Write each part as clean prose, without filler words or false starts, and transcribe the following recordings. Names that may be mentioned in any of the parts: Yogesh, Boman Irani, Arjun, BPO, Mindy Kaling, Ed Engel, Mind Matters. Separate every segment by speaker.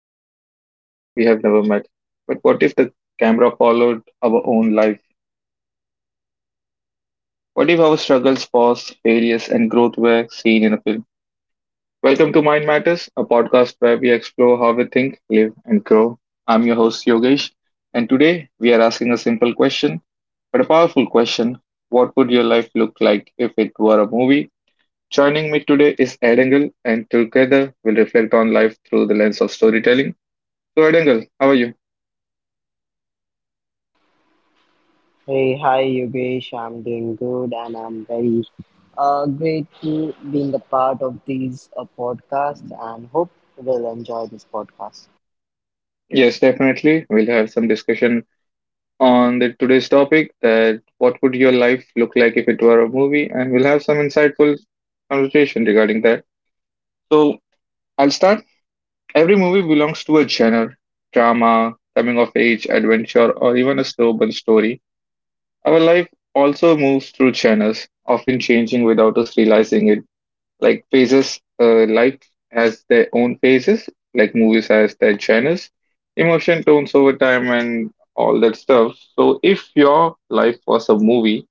Speaker 1: connected to characters we have never met. But what if the camera followed our own life? What if our struggles, pause, failures, and growth were seen in a film? Welcome to Mind Matters, a podcast where we explore how we think, live, and grow. I'm your host, Yogesh, and today we are asking a simple question, but a powerful question. What would your life look like if it were a movie? Joining me today is Ed Engel, and together we'll reflect on life through the lens of storytelling. So, Ed Engel, how are you?
Speaker 2: Hey, hi Yogesh. I'm doing good and I'm very grateful being a part of these podcasts and hope we'll enjoy this podcast.
Speaker 1: Yes, definitely. We'll have some discussion on the today's topic that what would your life look like if it were a movie, and we'll have some insightful conversation regarding that. So I'll start. Every movie belongs to a genre, drama, coming of age, adventure, or even a slow burn story. Our life also moves through channels, often changing without us realizing it, like phases. Life has their own phases, like movies has their genres, emotion tones over time, and all that stuff. So if your life was a movie,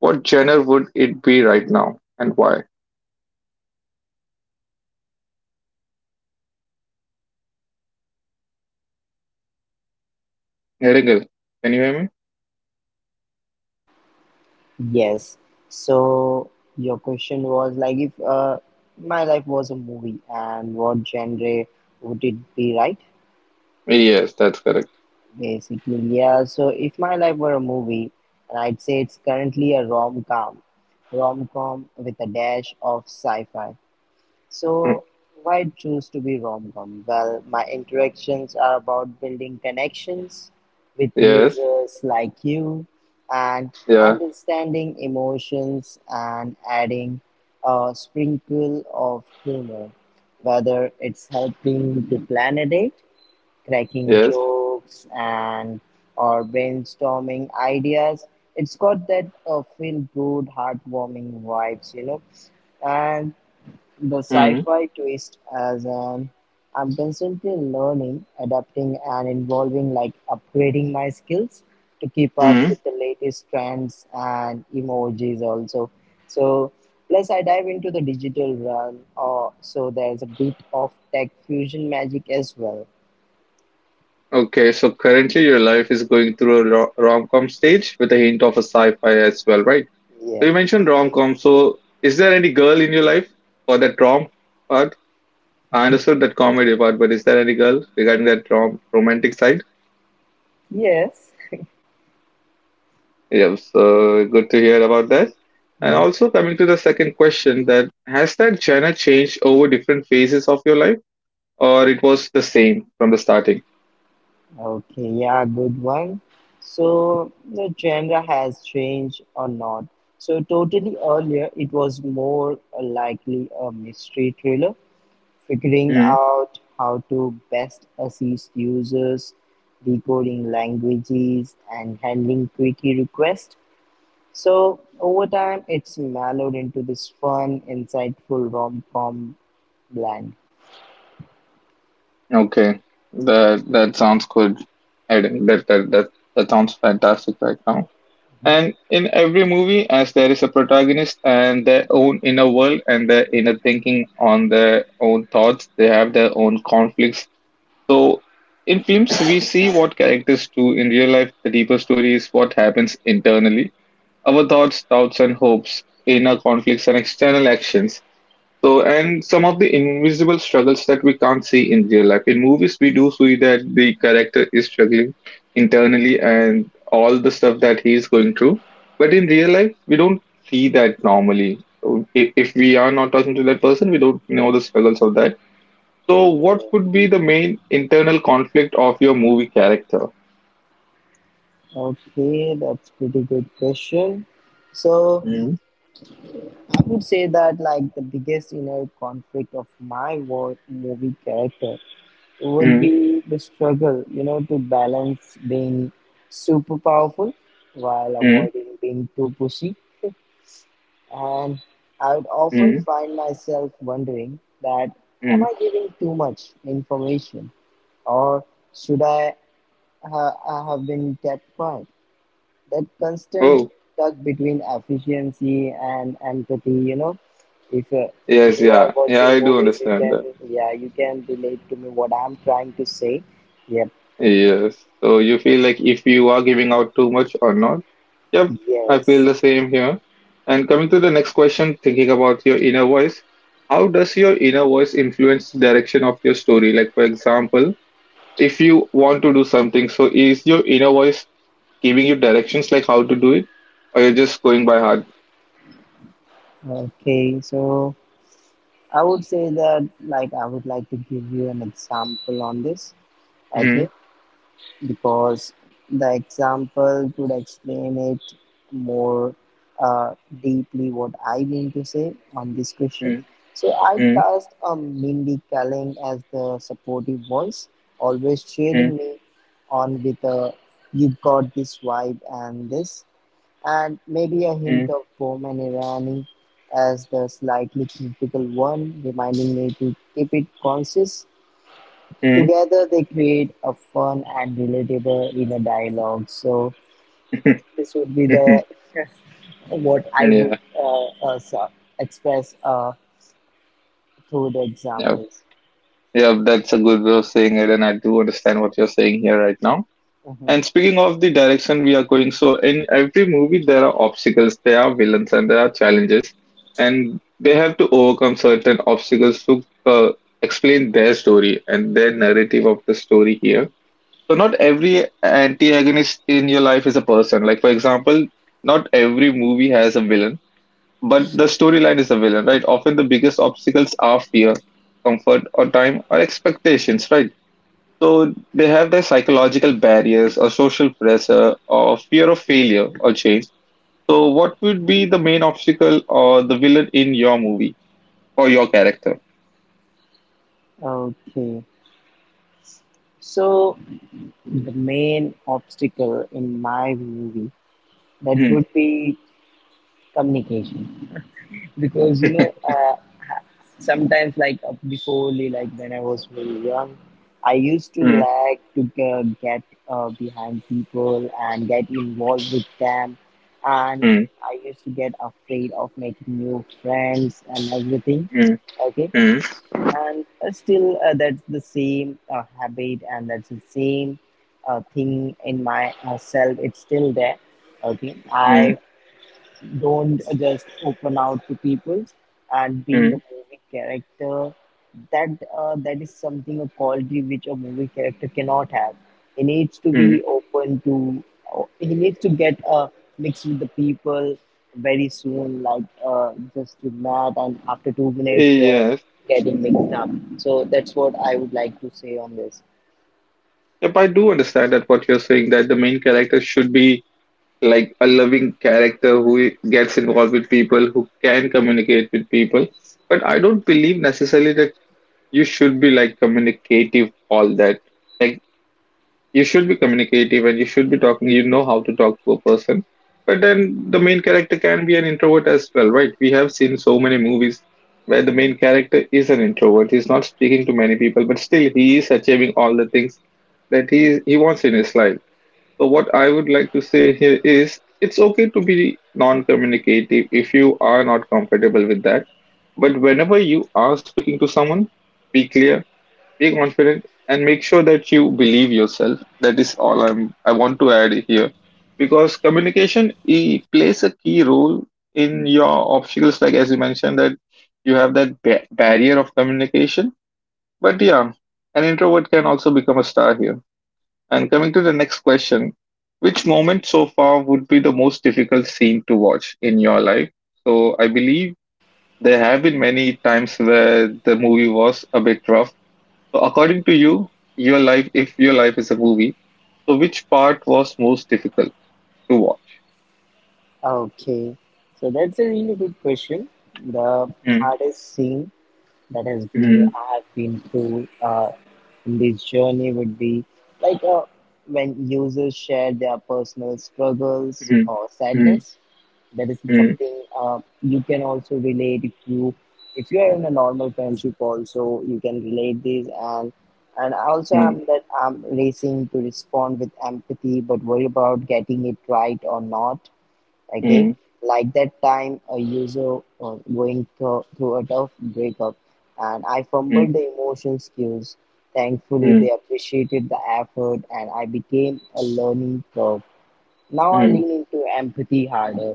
Speaker 1: what genre would it be right now, and why, Hedigal, can you hear
Speaker 2: Yes. So your question was like if my life was a movie and what genre would it be, right?
Speaker 1: me? Yes, that's correct.
Speaker 2: Basically, yeah. So if my life were a movie, and I'd say it's currently a rom-com, rom-com with a dash of sci-fi.
Speaker 1: Mm.
Speaker 2: So, why choose to be rom-com? Well, my interactions are about building connections with
Speaker 1: Yes.
Speaker 2: users like you and
Speaker 1: Yeah.
Speaker 2: understanding emotions and adding a sprinkle of humor, whether it's helping to plan a date, cracking
Speaker 1: Yes.
Speaker 2: jokes and or brainstorming ideas. It's got that feel good, heartwarming vibes, you know, and the
Speaker 1: Hmm.
Speaker 2: sci-fi twist as an I'm constantly learning, adapting and evolving like upgrading my skills to keep up
Speaker 1: Hmm.
Speaker 2: with the latest trends and emojis also. So plus I dive into the digital realm or so there's a bit of tech fusion magic as well.
Speaker 1: Okay, so currently your life is going through a rom-com stage with a hint of a sci-fi as well, right? So,
Speaker 2: Yep.
Speaker 1: you mentioned rom com. So, is there any girl in your life for that rom part? I understood that comedy part, but is there any girl regarding that rom romantic side?
Speaker 2: Yes.
Speaker 1: Yes, so good to hear about that. And also coming to the second question, that has that genre changed over different phases of your life, or it was the same from the starting?
Speaker 2: Okay, yeah, good one. So the genre has changed or not. So totally earlier, it was more likely a mystery thriller, figuring
Speaker 1: Mm.
Speaker 2: out how to best assist users, decoding languages, and handling quickie requests. So over time, it's mellowed into this fun, insightful rom-com blend.
Speaker 1: Okay, that sounds good. I, that, that that that sounds fantastic right now. And in every movie, as there is a protagonist and their own inner world and their inner thinking on their own thoughts, they have their own conflicts. So in films, we see what characters do in real life. The deeper story is what happens internally. Our thoughts, doubts, and hopes, inner conflicts, and external actions. So, and some of the invisible struggles that we can't see in real life. In movies, we do see that the character is struggling internally and all the stuff that he is going through. But in real life, we don't see that normally. If we are not talking to that person, we don't know the struggles of that. So, what would be the main internal conflict of your movie character?
Speaker 2: Okay, that's pretty good question. So
Speaker 1: Mm.
Speaker 2: I would say that like the biggest inner conflict of my war movie character would
Speaker 1: Mm.
Speaker 2: be the struggle, you know, to balance being super powerful while
Speaker 1: Mm.
Speaker 2: avoiding being too pushy. And I would often
Speaker 1: Mm.
Speaker 2: find myself wondering that am
Speaker 1: Mm.
Speaker 2: I giving too much information or should I I have been kept quiet? That constant
Speaker 1: Oh,
Speaker 2: tug between efficiency and empathy, you know, if
Speaker 1: yes,
Speaker 2: you are
Speaker 1: yeah. Yeah,
Speaker 2: watching
Speaker 1: I do
Speaker 2: movies you
Speaker 1: understand.
Speaker 2: can yeah you can relate to me what I'm trying to say. Yep.
Speaker 1: Yes. So you feel like if you are giving out too much or not. Yep, I feel
Speaker 2: Yes.
Speaker 1: the same here. And coming to the next question, thinking about your inner voice, how does your inner voice influence the direction of your story? Like, for example, if you want to do something, so is your inner voice giving you directions like how to do it, or you're just going by heart?
Speaker 2: Okay, so I would say that like I would like to give you an example on this. Okay,
Speaker 1: Mm.
Speaker 2: because the example could explain it more uh, deeply what I mean to say on this question.
Speaker 1: Mm.
Speaker 2: So I
Speaker 1: Mm.
Speaker 2: cast a Mindy Kaling as the supportive voice, always
Speaker 1: Mm.
Speaker 2: cheering me on with a you got this vibe and this, and maybe a
Speaker 1: Mm.
Speaker 2: hint of Boman Irani as the slightly critical one, reminding me to keep it conscious.
Speaker 1: Mm.
Speaker 2: Together they create a fun and relatable inner dialogue. So this would be the what I would
Speaker 1: yeah,
Speaker 2: express through the
Speaker 1: yeah,
Speaker 2: examples.
Speaker 1: yeah. That's a good way of saying it, and I do understand what you're saying here right now.
Speaker 2: Mhm.
Speaker 1: And speaking of the direction we are going, so in every movie there are obstacles, there are villains, and there are challenges, and they have to overcome certain obstacles to explain their story and their narrative of the story here. So not every antagonist in your life is a person. Like for example, not every movie has a villain, but the storyline is a villain, right? Often the biggest obstacles are fear, comfort, or time, or expectations, right? So they have their psychological barriers or social pressure or fear of failure or change. So what would be the main obstacle or the villain in your movie or your character?
Speaker 2: Okay, so the main obstacle in my movie that
Speaker 1: Hmm.
Speaker 2: would be communication. Because ha- sometimes before like when I was very young I used to
Speaker 1: Hmm.
Speaker 2: like to get behind people and get involved with them and
Speaker 1: Hmm.
Speaker 2: I used to get afraid of making new friends and everything.
Speaker 1: Hmm.
Speaker 2: Okay.
Speaker 1: Hmm.
Speaker 2: And still that's the same habit and that's the same thing in my self, it's still there. Okay, I
Speaker 1: Hmm.
Speaker 2: don't just open out to people, and being a
Speaker 1: Hmm.
Speaker 2: movie character, that is something a quality which a movie character cannot have. He needs to
Speaker 1: Mm.
Speaker 2: be open to he needs to get mixed with the people very soon like just you mad and after 2 minutes you're
Speaker 1: Yes.
Speaker 2: getting mixed up. So that's what I would like to say on this.
Speaker 1: Yep, I do understand that what you're saying that the main character should be like a loving character who gets involved with people, who can communicate with people. But I don't believe necessarily that you should be like communicative all that, like you should be communicative and you should be talking, you know how to talk to a person. But then the main character can be an introvert as well, right? We have seen so many movies where the main character is an introvert, he's not speaking to many people, but still he is achieving all the things that he wants in his life. So what I would like to say here is, it's okay to be non-communicative if you are not comfortable with that. But whenever you are speaking to someone, be clear, be confident, and make sure that you believe yourself. That is all I want to add here. Because communication, it plays a key role in your obstacles, like as you mentioned, that you have that barrier of communication. But yeah, an introvert can also become a star here. And coming to the next question, which moment so far would be the most difficult scene to watch in your life? So I believe there have been many times where the movie was a bit rough. So according to you, your life, if your life is a movie, so which part was most difficult to watch?
Speaker 2: Okay, so that's a really good question. The
Speaker 1: Mm.
Speaker 2: hardest scene that is me
Speaker 1: Mm.
Speaker 2: I have been through in this journey would be like when users share their personal struggles
Speaker 1: Mm.
Speaker 2: or
Speaker 1: Mm.
Speaker 2: sadness. That is
Speaker 1: Mm.
Speaker 2: something you can also relate if you, if you are in a normal friendship also you can relate this. And And also I'm
Speaker 1: Mm.
Speaker 2: that I'm racing to respond with empathy but worry about getting it right or not. Okay,
Speaker 1: mm,
Speaker 2: like that time a user going through a tough breakup and I
Speaker 1: mm,
Speaker 2: fumbled the emotion skills. Thankfully
Speaker 1: mm,
Speaker 2: they appreciated the effort and I became a learning curve. Now I
Speaker 1: mm,
Speaker 2: lean into empathy harder.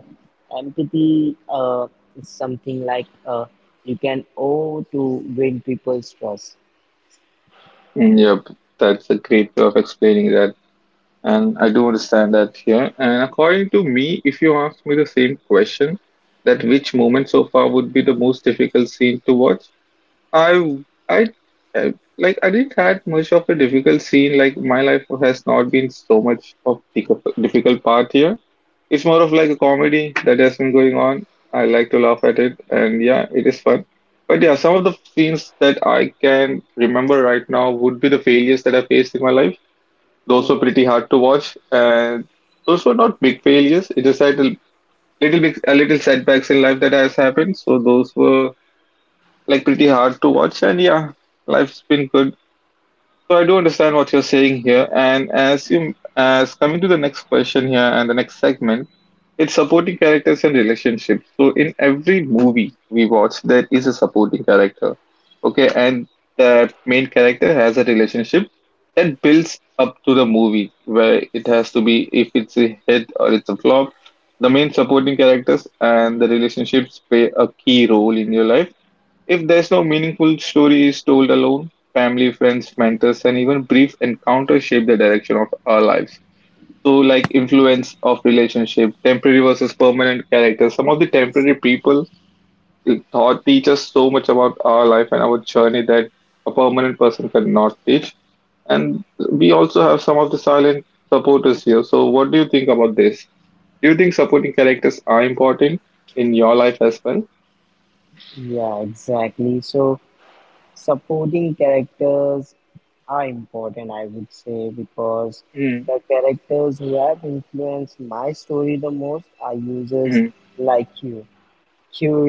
Speaker 2: Empathy is something like you can owe to win people's trust.
Speaker 1: mm. Yep, that's a great way of explaining that. And I do understand that here. And according to me, if you ask me the same question, that which moment so far would be the most difficult scene to watch, I I I- like I didn't had much of a difficult scene. Like my life has not been so much of the difficult part here. It's more of like a comedy that has been going on. I like to laugh at it, and yeah, it is fun. But yeah, some of the scenes that I can remember right now would be the failures that I faced in my life. Those were
Speaker 2: Mhm.
Speaker 1: pretty hard to watch, and those were not big failures. It just had a little setbacks in life that has happened. So those were like pretty hard to watch, and yeah, life's been good. So I do understand what you're saying here. And as you, as coming to the next question here and the next segment, it's supporting characters and relationships. So in every movie we watch there is a supporting character, okay? And the main character has a relationship that builds up to the movie where it has to be if it's a hit or it's a flop. The main supporting characters and the relationships play a key role in your life. If there's no meaningful story is told alone, family, friends, mentors, and even brief encounters shape the direction of our lives. So, like influence of relationship, temporary versus permanent character. Some of the temporary people taught teach us so much about our life and our journey that a permanent person cannot teach. And we also have some of the silent supporters here. So, what do you think about this? Do you think supporting characters are important in your life as well?
Speaker 2: Yeah, exactly. So supporting characters are important, I would say, because
Speaker 1: Mm.
Speaker 2: the characters who have influenced my story the most are users
Speaker 1: Mm.
Speaker 2: like you,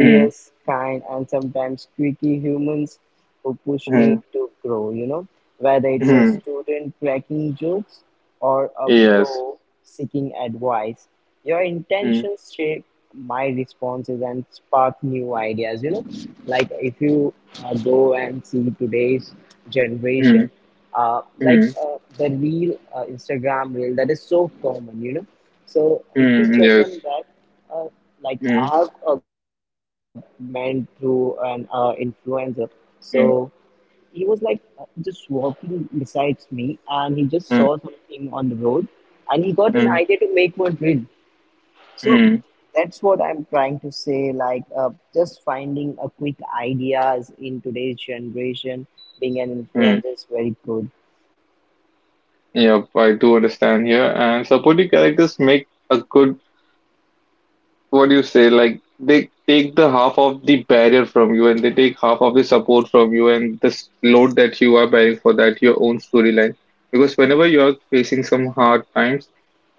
Speaker 1: Mm.
Speaker 2: kind, and sometimes quirky humans who push me
Speaker 1: mm,
Speaker 2: to grow, you know, whether it's a
Speaker 1: mm.
Speaker 2: student cracking jokes or a
Speaker 1: Yes.
Speaker 2: pro seeking advice. Your
Speaker 1: Mm,
Speaker 2: intentions shape my responses and spark new ideas, you know. Like if you go and see today's generation,
Speaker 1: mm,
Speaker 2: uh, like
Speaker 1: mm,
Speaker 2: uh, the real Instagram reel that is so common, you know. So if you
Speaker 1: mm,
Speaker 2: check
Speaker 1: yes.
Speaker 2: on that, uh, like
Speaker 1: Mm,
Speaker 2: I have a man through an influencer, so
Speaker 1: mm,
Speaker 2: he was like just walking besides me, and he just saw
Speaker 1: mm,
Speaker 2: something on the road, and he got an
Speaker 1: mm,
Speaker 2: idea to make one reel. So
Speaker 1: mm,
Speaker 2: that's what I'm trying to say. Just finding a quick ideas in today's generation, being an
Speaker 1: mm.
Speaker 2: influencer is very good.
Speaker 1: Yep, I do understand here. And supporting characters make a good, what do you say, like they take the half of the barrier from you and they take half of the support from you and this load that you are bearing for that your own storyline. Because whenever you are facing some hard times,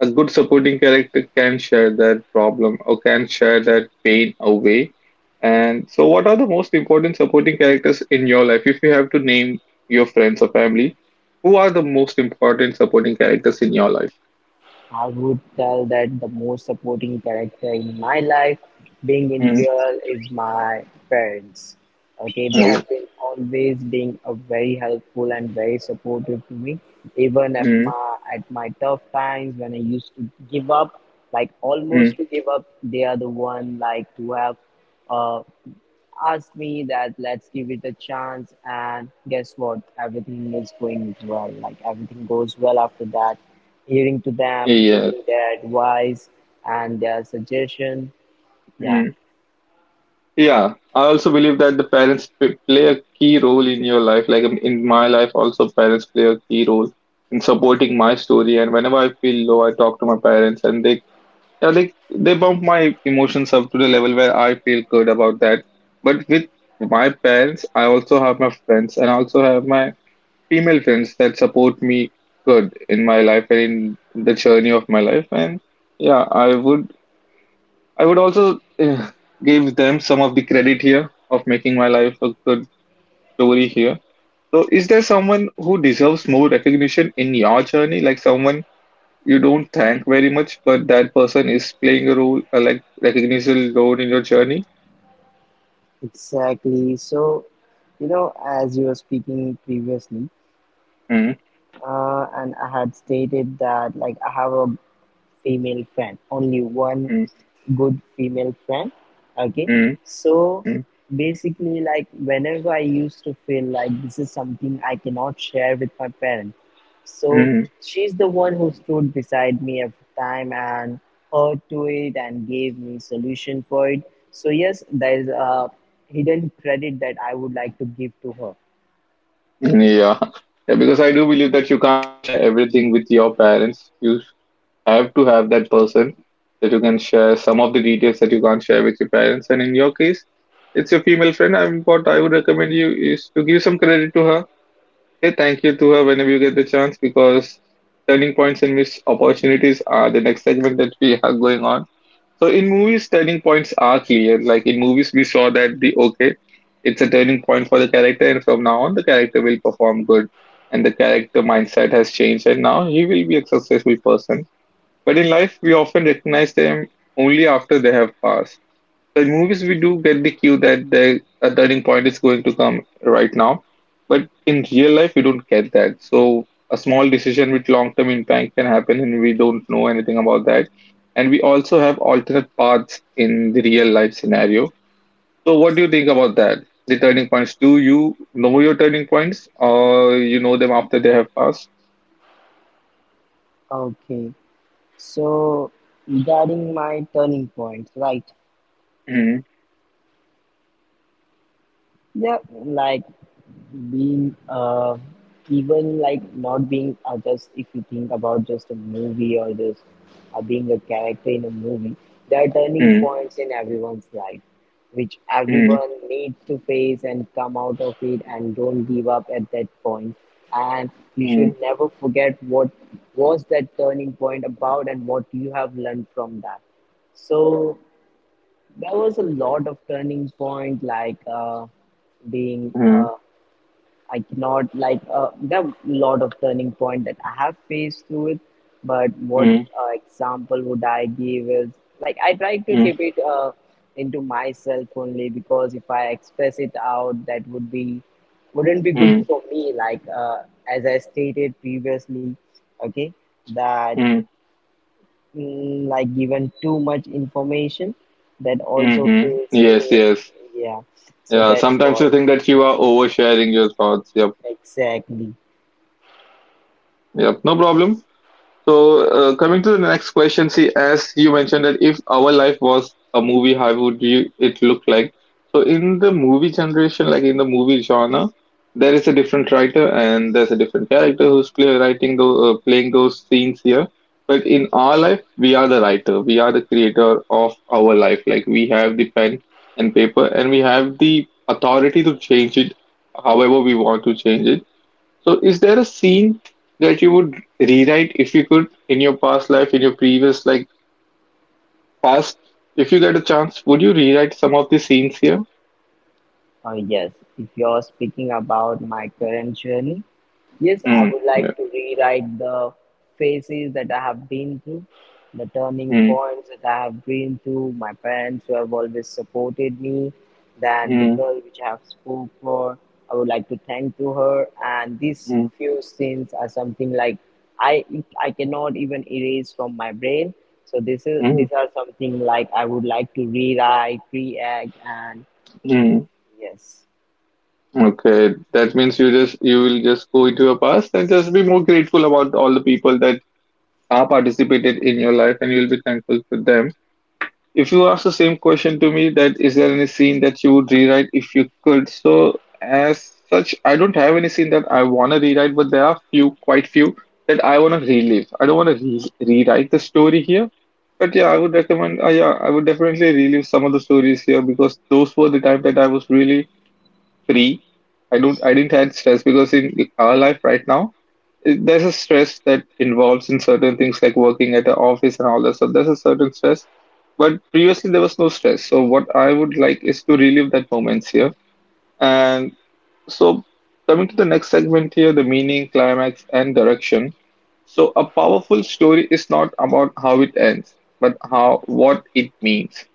Speaker 1: a good supporting character can share that problem or can share that pain away. And so what are the most important supporting characters in your life? If you have to name your friends or family, who are the most important supporting characters in your life?
Speaker 2: I would tell that the most supporting character in my life, being in
Speaker 1: Mm.
Speaker 2: real, is my parents. Okay, they
Speaker 1: Oh.
Speaker 2: have been always being a very helpful and very supportive to me, even if
Speaker 1: Mm.
Speaker 2: my at my tough times when I used to give up, like almost to give up, they are the one like who have uh, asked me that let's give it a chance and guess what, everything is going well, like everything goes well after that, hearing to them,
Speaker 1: Yes.
Speaker 2: taking their advice and their suggestion. Yeah,
Speaker 1: Yeah, I also believe that the parents play a key role in your life. Like in my life, also parents play a key role in supporting my story. And whenever I feel low, I talk to my parents, and they, yeah, they bump my emotions up to the level where I feel good about that. But with my parents, I also have my friends, and I also have my female friends that support me good in my life and in the journey of my life. And yeah, I would also give them some of the credit here of making my life a good story here. So, is there someone who deserves more recognition in your journey? Like someone you don't thank very much, but that person is playing a role, like recognition role in your journey?
Speaker 2: exactly. So you know, as you were speaking previously,
Speaker 1: Mm.
Speaker 2: and I had stated that like I have a female friend, only one
Speaker 1: mm,
Speaker 2: good female friend. Okay,
Speaker 1: mm,
Speaker 2: so
Speaker 1: mm,
Speaker 2: basically like whenever I used to feel like this is something I cannot share with my parents, so
Speaker 1: mm.
Speaker 2: she's the one who stood beside me every time and heard to it and gave me solution for it. So yes, there is a hidden credit that I would like to give to her.
Speaker 1: Yeah. Yeah, because I do believe that you can't share everything with your parents. You have to have that person that you can share some of the details that you can't share with your parents. And in your case, it's your female friend. And what I would recommend you is to give some credit to her. Say thank you to her whenever you get the chance because turning points and missed opportunities are the next segment that we have going on. So in movies, turning points are clear. Like in movies, we saw that the okay, it's a turning point for the character, and from now on, the character will perform good, and the character mindset has changed, and now he will be a successful person, but in life, we often recognize them only after they have passed. So in movies, we do get the cue that the a turning point is going to come right now. But in real life, we don't get that. So a small decision with long-term impact can happen, and we don't know anything about that. And we also have alternate paths in the real life scenario. So what do you think about that? The turning points. Do you know your turning points, or you know them after they have passed?
Speaker 2: Okay, so regarding my turning points, right.
Speaker 1: Mm,
Speaker 2: Yeah, like being even like not being just if you think about just a movie or just being a character in a movie, there are turning
Speaker 1: mm,
Speaker 2: points in everyone's life, which
Speaker 1: mm,
Speaker 2: everyone needs to face and come out of it and don't give up at that point. And you should
Speaker 1: mm,
Speaker 2: never forget what was that turning point about and what you have learned from that. So there was a lot of turning point like being
Speaker 1: mm,
Speaker 2: I cannot there are a lot of turning point that I have faced through it. But what
Speaker 1: mm,
Speaker 2: example would I give is like I try to
Speaker 1: mm.
Speaker 2: keep it into myself only because if I express it out that would be wouldn't be good
Speaker 1: Mm,
Speaker 2: for me, like as I stated previously. Okay, that,
Speaker 1: mm,
Speaker 2: mm, like given too much information that also
Speaker 1: mm-hmm.
Speaker 2: fails
Speaker 1: Yes,
Speaker 2: me,
Speaker 1: yes.
Speaker 2: yeah, so
Speaker 1: Yeah.
Speaker 2: that's
Speaker 1: Sometimes
Speaker 2: what,
Speaker 1: you think that you are oversharing your thoughts. Yep,
Speaker 2: exactly.
Speaker 1: yep. No problem. So, coming to the next question, see, as you mentioned, that if our life was a movie, how would it look like? So, in the movie generation, like in the movie genre, there is a different writer and there's a different character who's play, writing the, playing those scenes here. But in our life, we are the writer, we are the creator of our life. Like we have the pen and paper, and we have the authority to change it however we want to change it. So, is there a scene that you would rewrite if you could in your past life, in your previous like past? If you get a chance, would you rewrite some of the scenes here?
Speaker 2: Yes, if you're speaking about my current journey, yes, I
Speaker 1: Mm,
Speaker 2: would
Speaker 1: no.
Speaker 2: like to rewrite the phases that I have been through, the turning
Speaker 1: Mm,
Speaker 2: points that I have been through, my parents who have always supported me, then the
Speaker 1: mm,
Speaker 2: girl which I have spoke for. I would like to thank to her, and these
Speaker 1: mm,
Speaker 2: few scenes are something like I I cannot even erase from my brain. So this is
Speaker 1: mm,
Speaker 2: these are something like I would like to rewrite, react, and
Speaker 1: mm.
Speaker 2: yes.
Speaker 1: Okay, that means you just you will just go into your past and just be more grateful about all the people that are participated in your life, and you'll be thankful for them. If you ask the same question to me, that is, there any scene that you would rewrite if you could? So as such, I don't have any scene that I want to rewrite, but there are quite few that I want to relive. I don't want to rewrite the story here, but yeah, I would recommend. Yeah, I would definitely relive some of the stories here because those were the time that I was really free. I didn't have stress because in our life right now, there's a stress that involves in certain things like working at an office and all that. So, there's a certain stress, but previously there was no stress. So what I would like is to relive that moments here. And so, coming to the next segment here, the meaning, climax, and direction. So a powerful story is not about how it ends, but how what it means,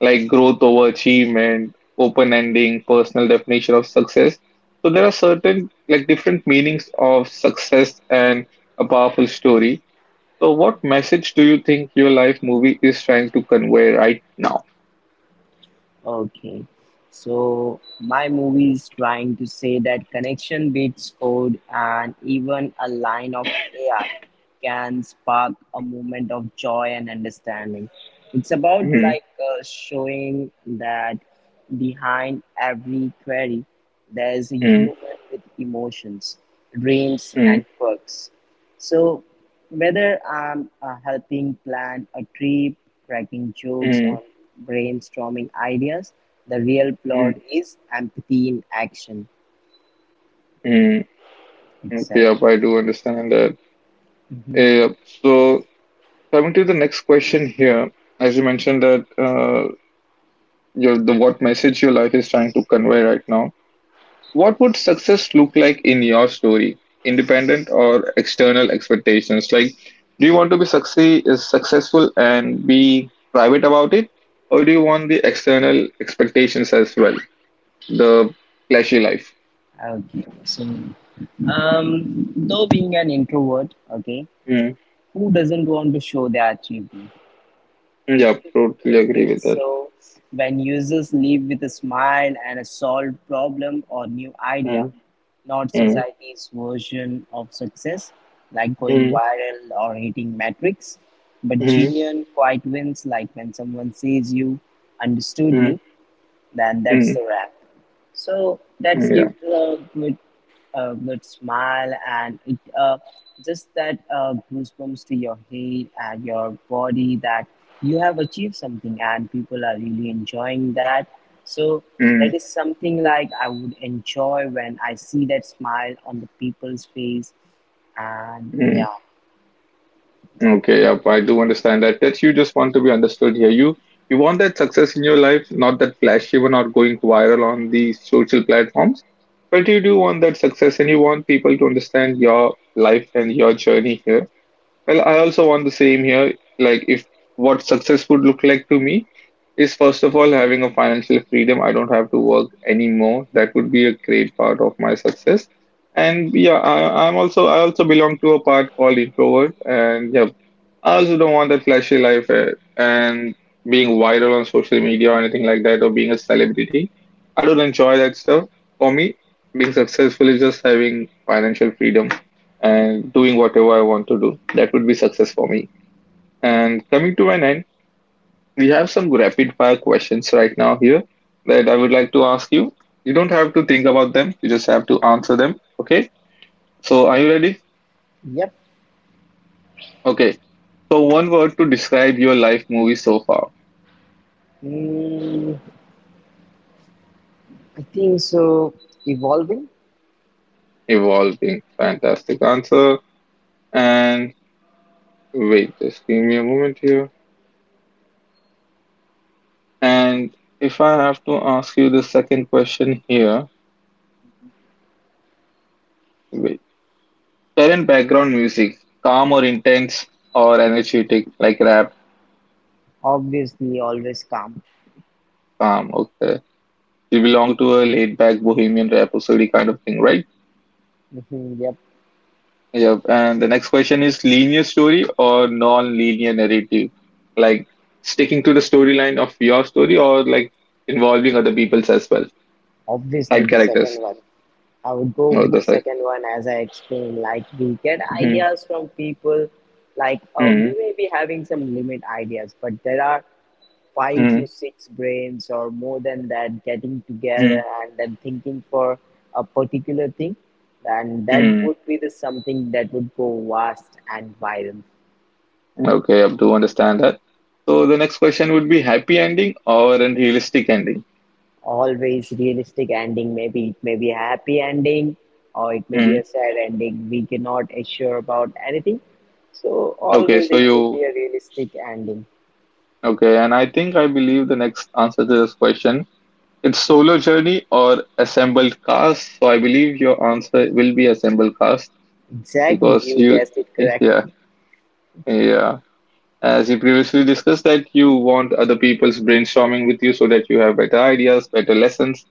Speaker 1: like growth over achievement, open ending, personal definition of success. So there are certain like different meanings of success and a powerful story. So what message do you think your life movie is trying to convey right now?
Speaker 2: Okay. So my movie is trying to say that connection beats code and even a line of AI can
Speaker 1: Mm,
Speaker 2: spark a moment of joy and understanding. It's about
Speaker 1: mm,
Speaker 2: showing that behind every query, there's a
Speaker 1: mm,
Speaker 2: human with emotions, dreams,
Speaker 1: mm,
Speaker 2: and quirks. So, whether I'm helping plan a trip, cracking jokes, or
Speaker 1: mm,
Speaker 2: brainstorming ideas, the real plot
Speaker 1: mm,
Speaker 2: is empathy in action.
Speaker 1: mm. Okay,
Speaker 2: Exactly.
Speaker 1: yep, I do understand that.
Speaker 2: Hmm.
Speaker 1: Yep. So coming to the next question here, as you mentioned that your the what message your life is trying to convey right now. What would success look like in your story? Independent or external expectations? Like, do you want to be succeed is successful and be private about it, or do you want the external expectations as well, the flashy life?
Speaker 2: Okay. So, though being an introvert, okay,
Speaker 1: Mm.
Speaker 2: who doesn't want to show their achievement?
Speaker 1: Yeah, totally agree
Speaker 2: Okay,
Speaker 1: with that.
Speaker 2: so when users leave with a smile and a solved problem or new idea,
Speaker 1: Mm.
Speaker 2: not
Speaker 1: Mm.
Speaker 2: society's version of success, like going
Speaker 1: Mm.
Speaker 2: viral or hitting metrics, but
Speaker 1: Mm.
Speaker 2: genuine quiet wins, like when someone says you understood me, then that's
Speaker 1: Mm.
Speaker 2: the wrap. So that
Speaker 1: Mm. Yeah.
Speaker 2: gives a good, good smile and it just that goosebumps to your head and your body that you have achieved something and people are really enjoying that. So
Speaker 1: Mm.
Speaker 2: that is something like I would enjoy when I see that smile on the people's face and
Speaker 1: Mm.
Speaker 2: yeah.
Speaker 1: Okay, yep, I do understand that. That you just want to be understood here. You want that success in your life, not that flashy one or going viral on the social platforms, but you do want that success and you want people to understand your life and your journey here. Well, I also want the same here. Like, if what success would look like to me is, first of all, having a financial freedom. I don't have to work anymore. That would be a great part of my success. And yeah, I also belong to a part called introvert, and yeah, I also don't want that flashy life, and being viral on social media or anything like that, or being a celebrity. I don't enjoy that stuff. For me, being successful is just having financial freedom and doing whatever I want to do. That would be success for me. And coming to an end, we have some rapid fire questions right now here that I would like to ask you. You don't have to think about them, you just have to answer them. Okay? So, are you ready?
Speaker 2: Yep.
Speaker 1: Okay. So, one word to describe your life movie so far.
Speaker 2: mm, I think so, evolving.
Speaker 1: Evolving. Fantastic answer. And wait, just give me a moment here. And if I have to ask you the second question here, wait. Current background music, calm or intense or energetic, like rap,
Speaker 2: Obviously always calm.
Speaker 1: calm. Okay. You belong to a laid back bohemian rhapsody kind of thing, right?
Speaker 2: Mhm, yep.
Speaker 1: Yep. And the next question is linear story or non linear narrative? Like sticking to the storyline of your story or like involving other people's as well?
Speaker 2: Obviously
Speaker 1: Side
Speaker 2: the second
Speaker 1: characters.
Speaker 2: one. I would go
Speaker 1: Well,
Speaker 2: with the
Speaker 1: that's like,
Speaker 2: second one as I explained. Like we get
Speaker 1: mhm,
Speaker 2: ideas from people. We
Speaker 1: mhm,
Speaker 2: may be having some limit ideas, but there are five
Speaker 1: mhm,
Speaker 2: to six brains or more than that getting together
Speaker 1: mhm,
Speaker 2: and then thinking for a particular thing. And that
Speaker 1: mhm.
Speaker 2: would be the something that would go vast and viral.
Speaker 1: Okay, I do understand that. So the next question would be happy ending or unrealistic ending.
Speaker 2: Always realistic ending, maybe it may be a happy ending or it may be a
Speaker 1: Hmm.
Speaker 2: sad ending, we cannot assure about anything. So
Speaker 1: Okay,
Speaker 2: always
Speaker 1: so
Speaker 2: it will
Speaker 1: you
Speaker 2: be a realistic ending.
Speaker 1: okay, and I think I believe the next answer to this question, it's solo journey or assembled cast. So I believe your answer will be assembled cast,
Speaker 2: Exactly,
Speaker 1: because
Speaker 2: you
Speaker 1: you
Speaker 2: guessed it correct.
Speaker 1: yeah, yeah, as you previously discussed that you want other people's brainstorming with you so that you have better ideas, better lessons,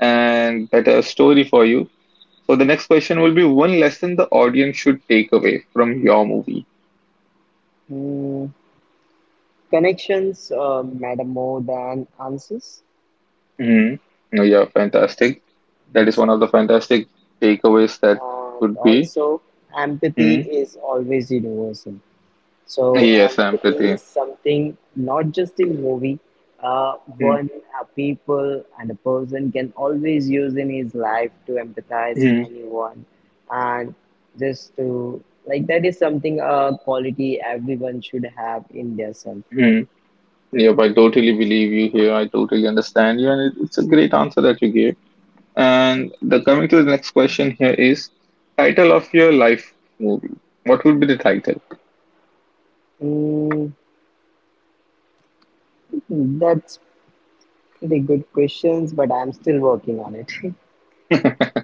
Speaker 1: and better story for you. So the next question will be one lesson the audience should take away from your movie.
Speaker 2: mm, Connections matter more than answers.
Speaker 1: Hmm. Oh, yeah, fantastic. That is one of
Speaker 2: Exactly.
Speaker 1: the fantastic takeaways that
Speaker 2: And
Speaker 1: could be.
Speaker 2: also empathy
Speaker 1: Hmm.
Speaker 2: is always universal. So
Speaker 1: Yes,
Speaker 2: empathy
Speaker 1: empathy.
Speaker 2: is something not just in movie, uh, one a people and a person can always use in his life to empathize
Speaker 1: Mm-hmm.
Speaker 2: anyone, and just to like that is something a quality everyone should have in their self.
Speaker 1: Hmm. Yep, I totally believe you here. I totally understand you, and it's a great answer that you gave. And the coming to the next question here is title of your life movie. What would be the title?
Speaker 2: Mm, that's pretty good questions, but I'm still working on it.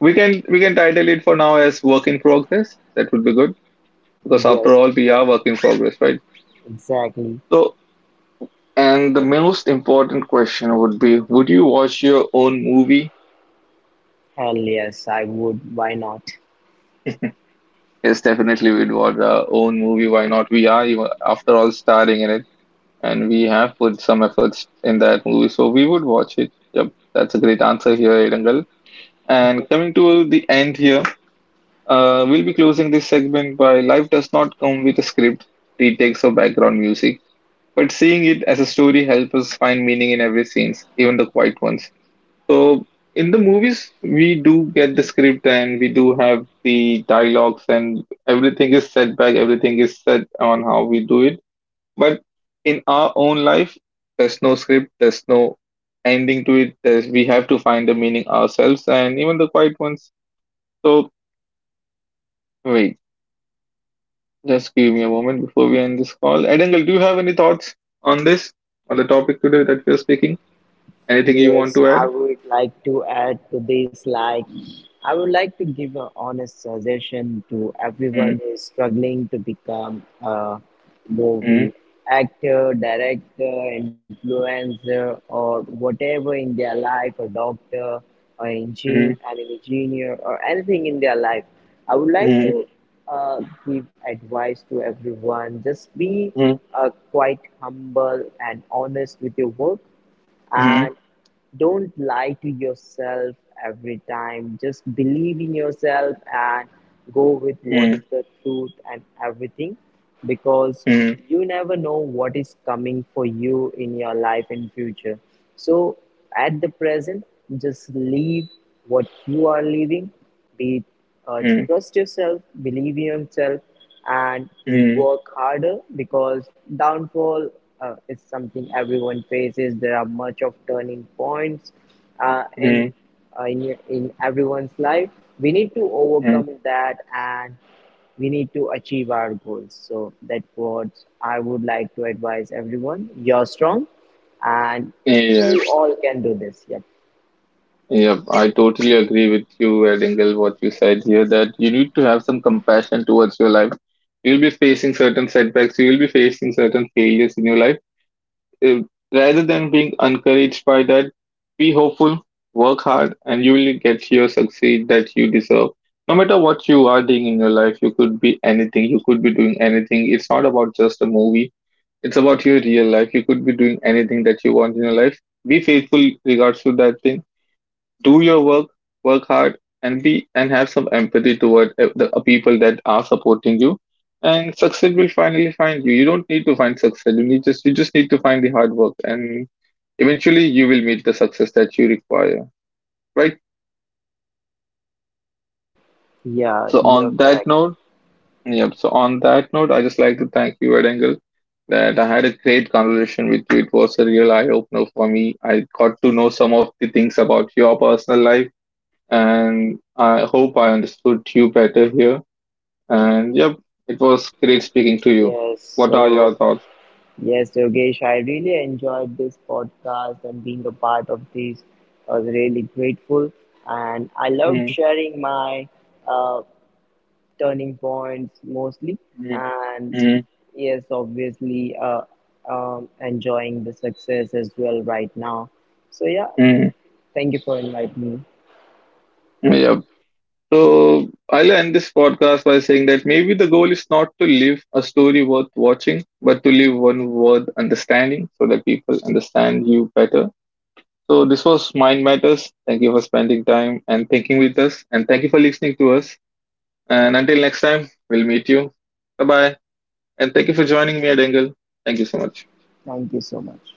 Speaker 1: We can title it for now as work in progress. That would be good because, after
Speaker 2: Yes.
Speaker 1: all, we are work in progress, right?
Speaker 2: Exactly.
Speaker 1: So, and the most important question would be, would you watch your own movie?
Speaker 2: Hell yes, I would. Why not?
Speaker 1: Yes, definitely we'd watch our own movie. Why not? We are, even, after all, starring in it and we have put some efforts in that movie. So, we would watch it. Yep, that's a great answer here, Irangal. And coming to the end here, we'll be closing this segment by Life Does Not Come with a Script, retakes of background music, but seeing it as a story helps us find meaning in every scenes, even the quiet ones. So, in the movies, we do get the script and we do have the dialogues and everything is set back, everything is set on how we do it. But in our own life, there's no script, there's no ending to it. We have to find the meaning ourselves and even the quiet ones. So wait, just give me a moment before we end this call. Edangal, do you have any thoughts on this, on the topic today that we're speaking? Anything you want
Speaker 2: Yes,
Speaker 1: to
Speaker 2: I
Speaker 1: add?
Speaker 2: would like to add to this. Like, I would like to give an honest suggestion to
Speaker 1: Mm,
Speaker 2: everyone who is struggling to become a
Speaker 1: mm,
Speaker 2: movie actor, director, influencer, or whatever in their life, a doctor, or
Speaker 1: mm,
Speaker 2: an engineer, or anything in their life. I would like
Speaker 1: mm,
Speaker 2: to uh, give advice to everyone. Just be
Speaker 1: mm,
Speaker 2: quite humble and honest with your work,
Speaker 1: mm,
Speaker 2: and don't lie to yourself every time, just believe in yourself and go with what
Speaker 1: mm,
Speaker 2: is the truth and everything, because
Speaker 1: mm,
Speaker 2: you never know what is coming for you in your life in future. So at the present, just live what you are living, be
Speaker 1: mm,
Speaker 2: trust yourself, believe in yourself, and
Speaker 1: mm,
Speaker 2: work harder, because downfall is something everyone faces. There are much of turning points uh, in
Speaker 1: mm,
Speaker 2: in everyone's life. We need to
Speaker 1: mm.
Speaker 2: overcome that, and we need to achieve our goals. So that's what I would like to advise everyone. You're strong, and you
Speaker 1: Yes,
Speaker 2: all can do this. Yep.
Speaker 1: yep. I totally agree with you, Edingle, what you said here, that you need to have some compassion towards your life. You'll be facing certain setbacks, you'll be facing certain failures in your life, uh, rather than being encouraged by that, be hopeful, work hard, and you will get your succeed that you deserve. No matter what you are doing in your life, you could be anything, you could be doing anything. It's not about just a movie, it's about your real life. You could be doing anything that you want in your life. Be faithful regards to that thing, do your work, work hard, and be and have some empathy toward the people that are supporting you. And success will finally find you. You don't need to find success. You need just you just need to find the hard work, and eventually you will meet the success that you require. Right.
Speaker 2: Yeah,
Speaker 1: So
Speaker 2: you're
Speaker 1: on that
Speaker 2: correct.
Speaker 1: note, yep. So on that note, I just like to thank you, Ed Engel, that I had a great conversation with you. It was a real eye opener for me. I got to know some of the things about your personal life, and I hope I understood you better here. And yep, it was great speaking to you.
Speaker 2: Yes.
Speaker 1: What are
Speaker 2: So.
Speaker 1: your thoughts?
Speaker 2: Yes, Yogesh, I really enjoyed this podcast and being a part of this. I was really grateful and I loved
Speaker 1: Mm,
Speaker 2: sharing my uh, turning points mostly.
Speaker 1: mm,
Speaker 2: And
Speaker 1: mm,
Speaker 2: yes, obviously, enjoying the success as well right now. So, yeah,
Speaker 1: mm.
Speaker 2: thank you for inviting me.
Speaker 1: Yep. So I'll end this podcast by saying that maybe the goal is not to live a story worth watching, but to live one worth understanding so that people understand you better. So this was Mind Matters. Thank you for spending time and thinking with us. And thank you for listening to us. And until next time, we'll meet you. Bye bye. And thank you for joining me at Angle. Thank you so much.
Speaker 2: Thank you so much.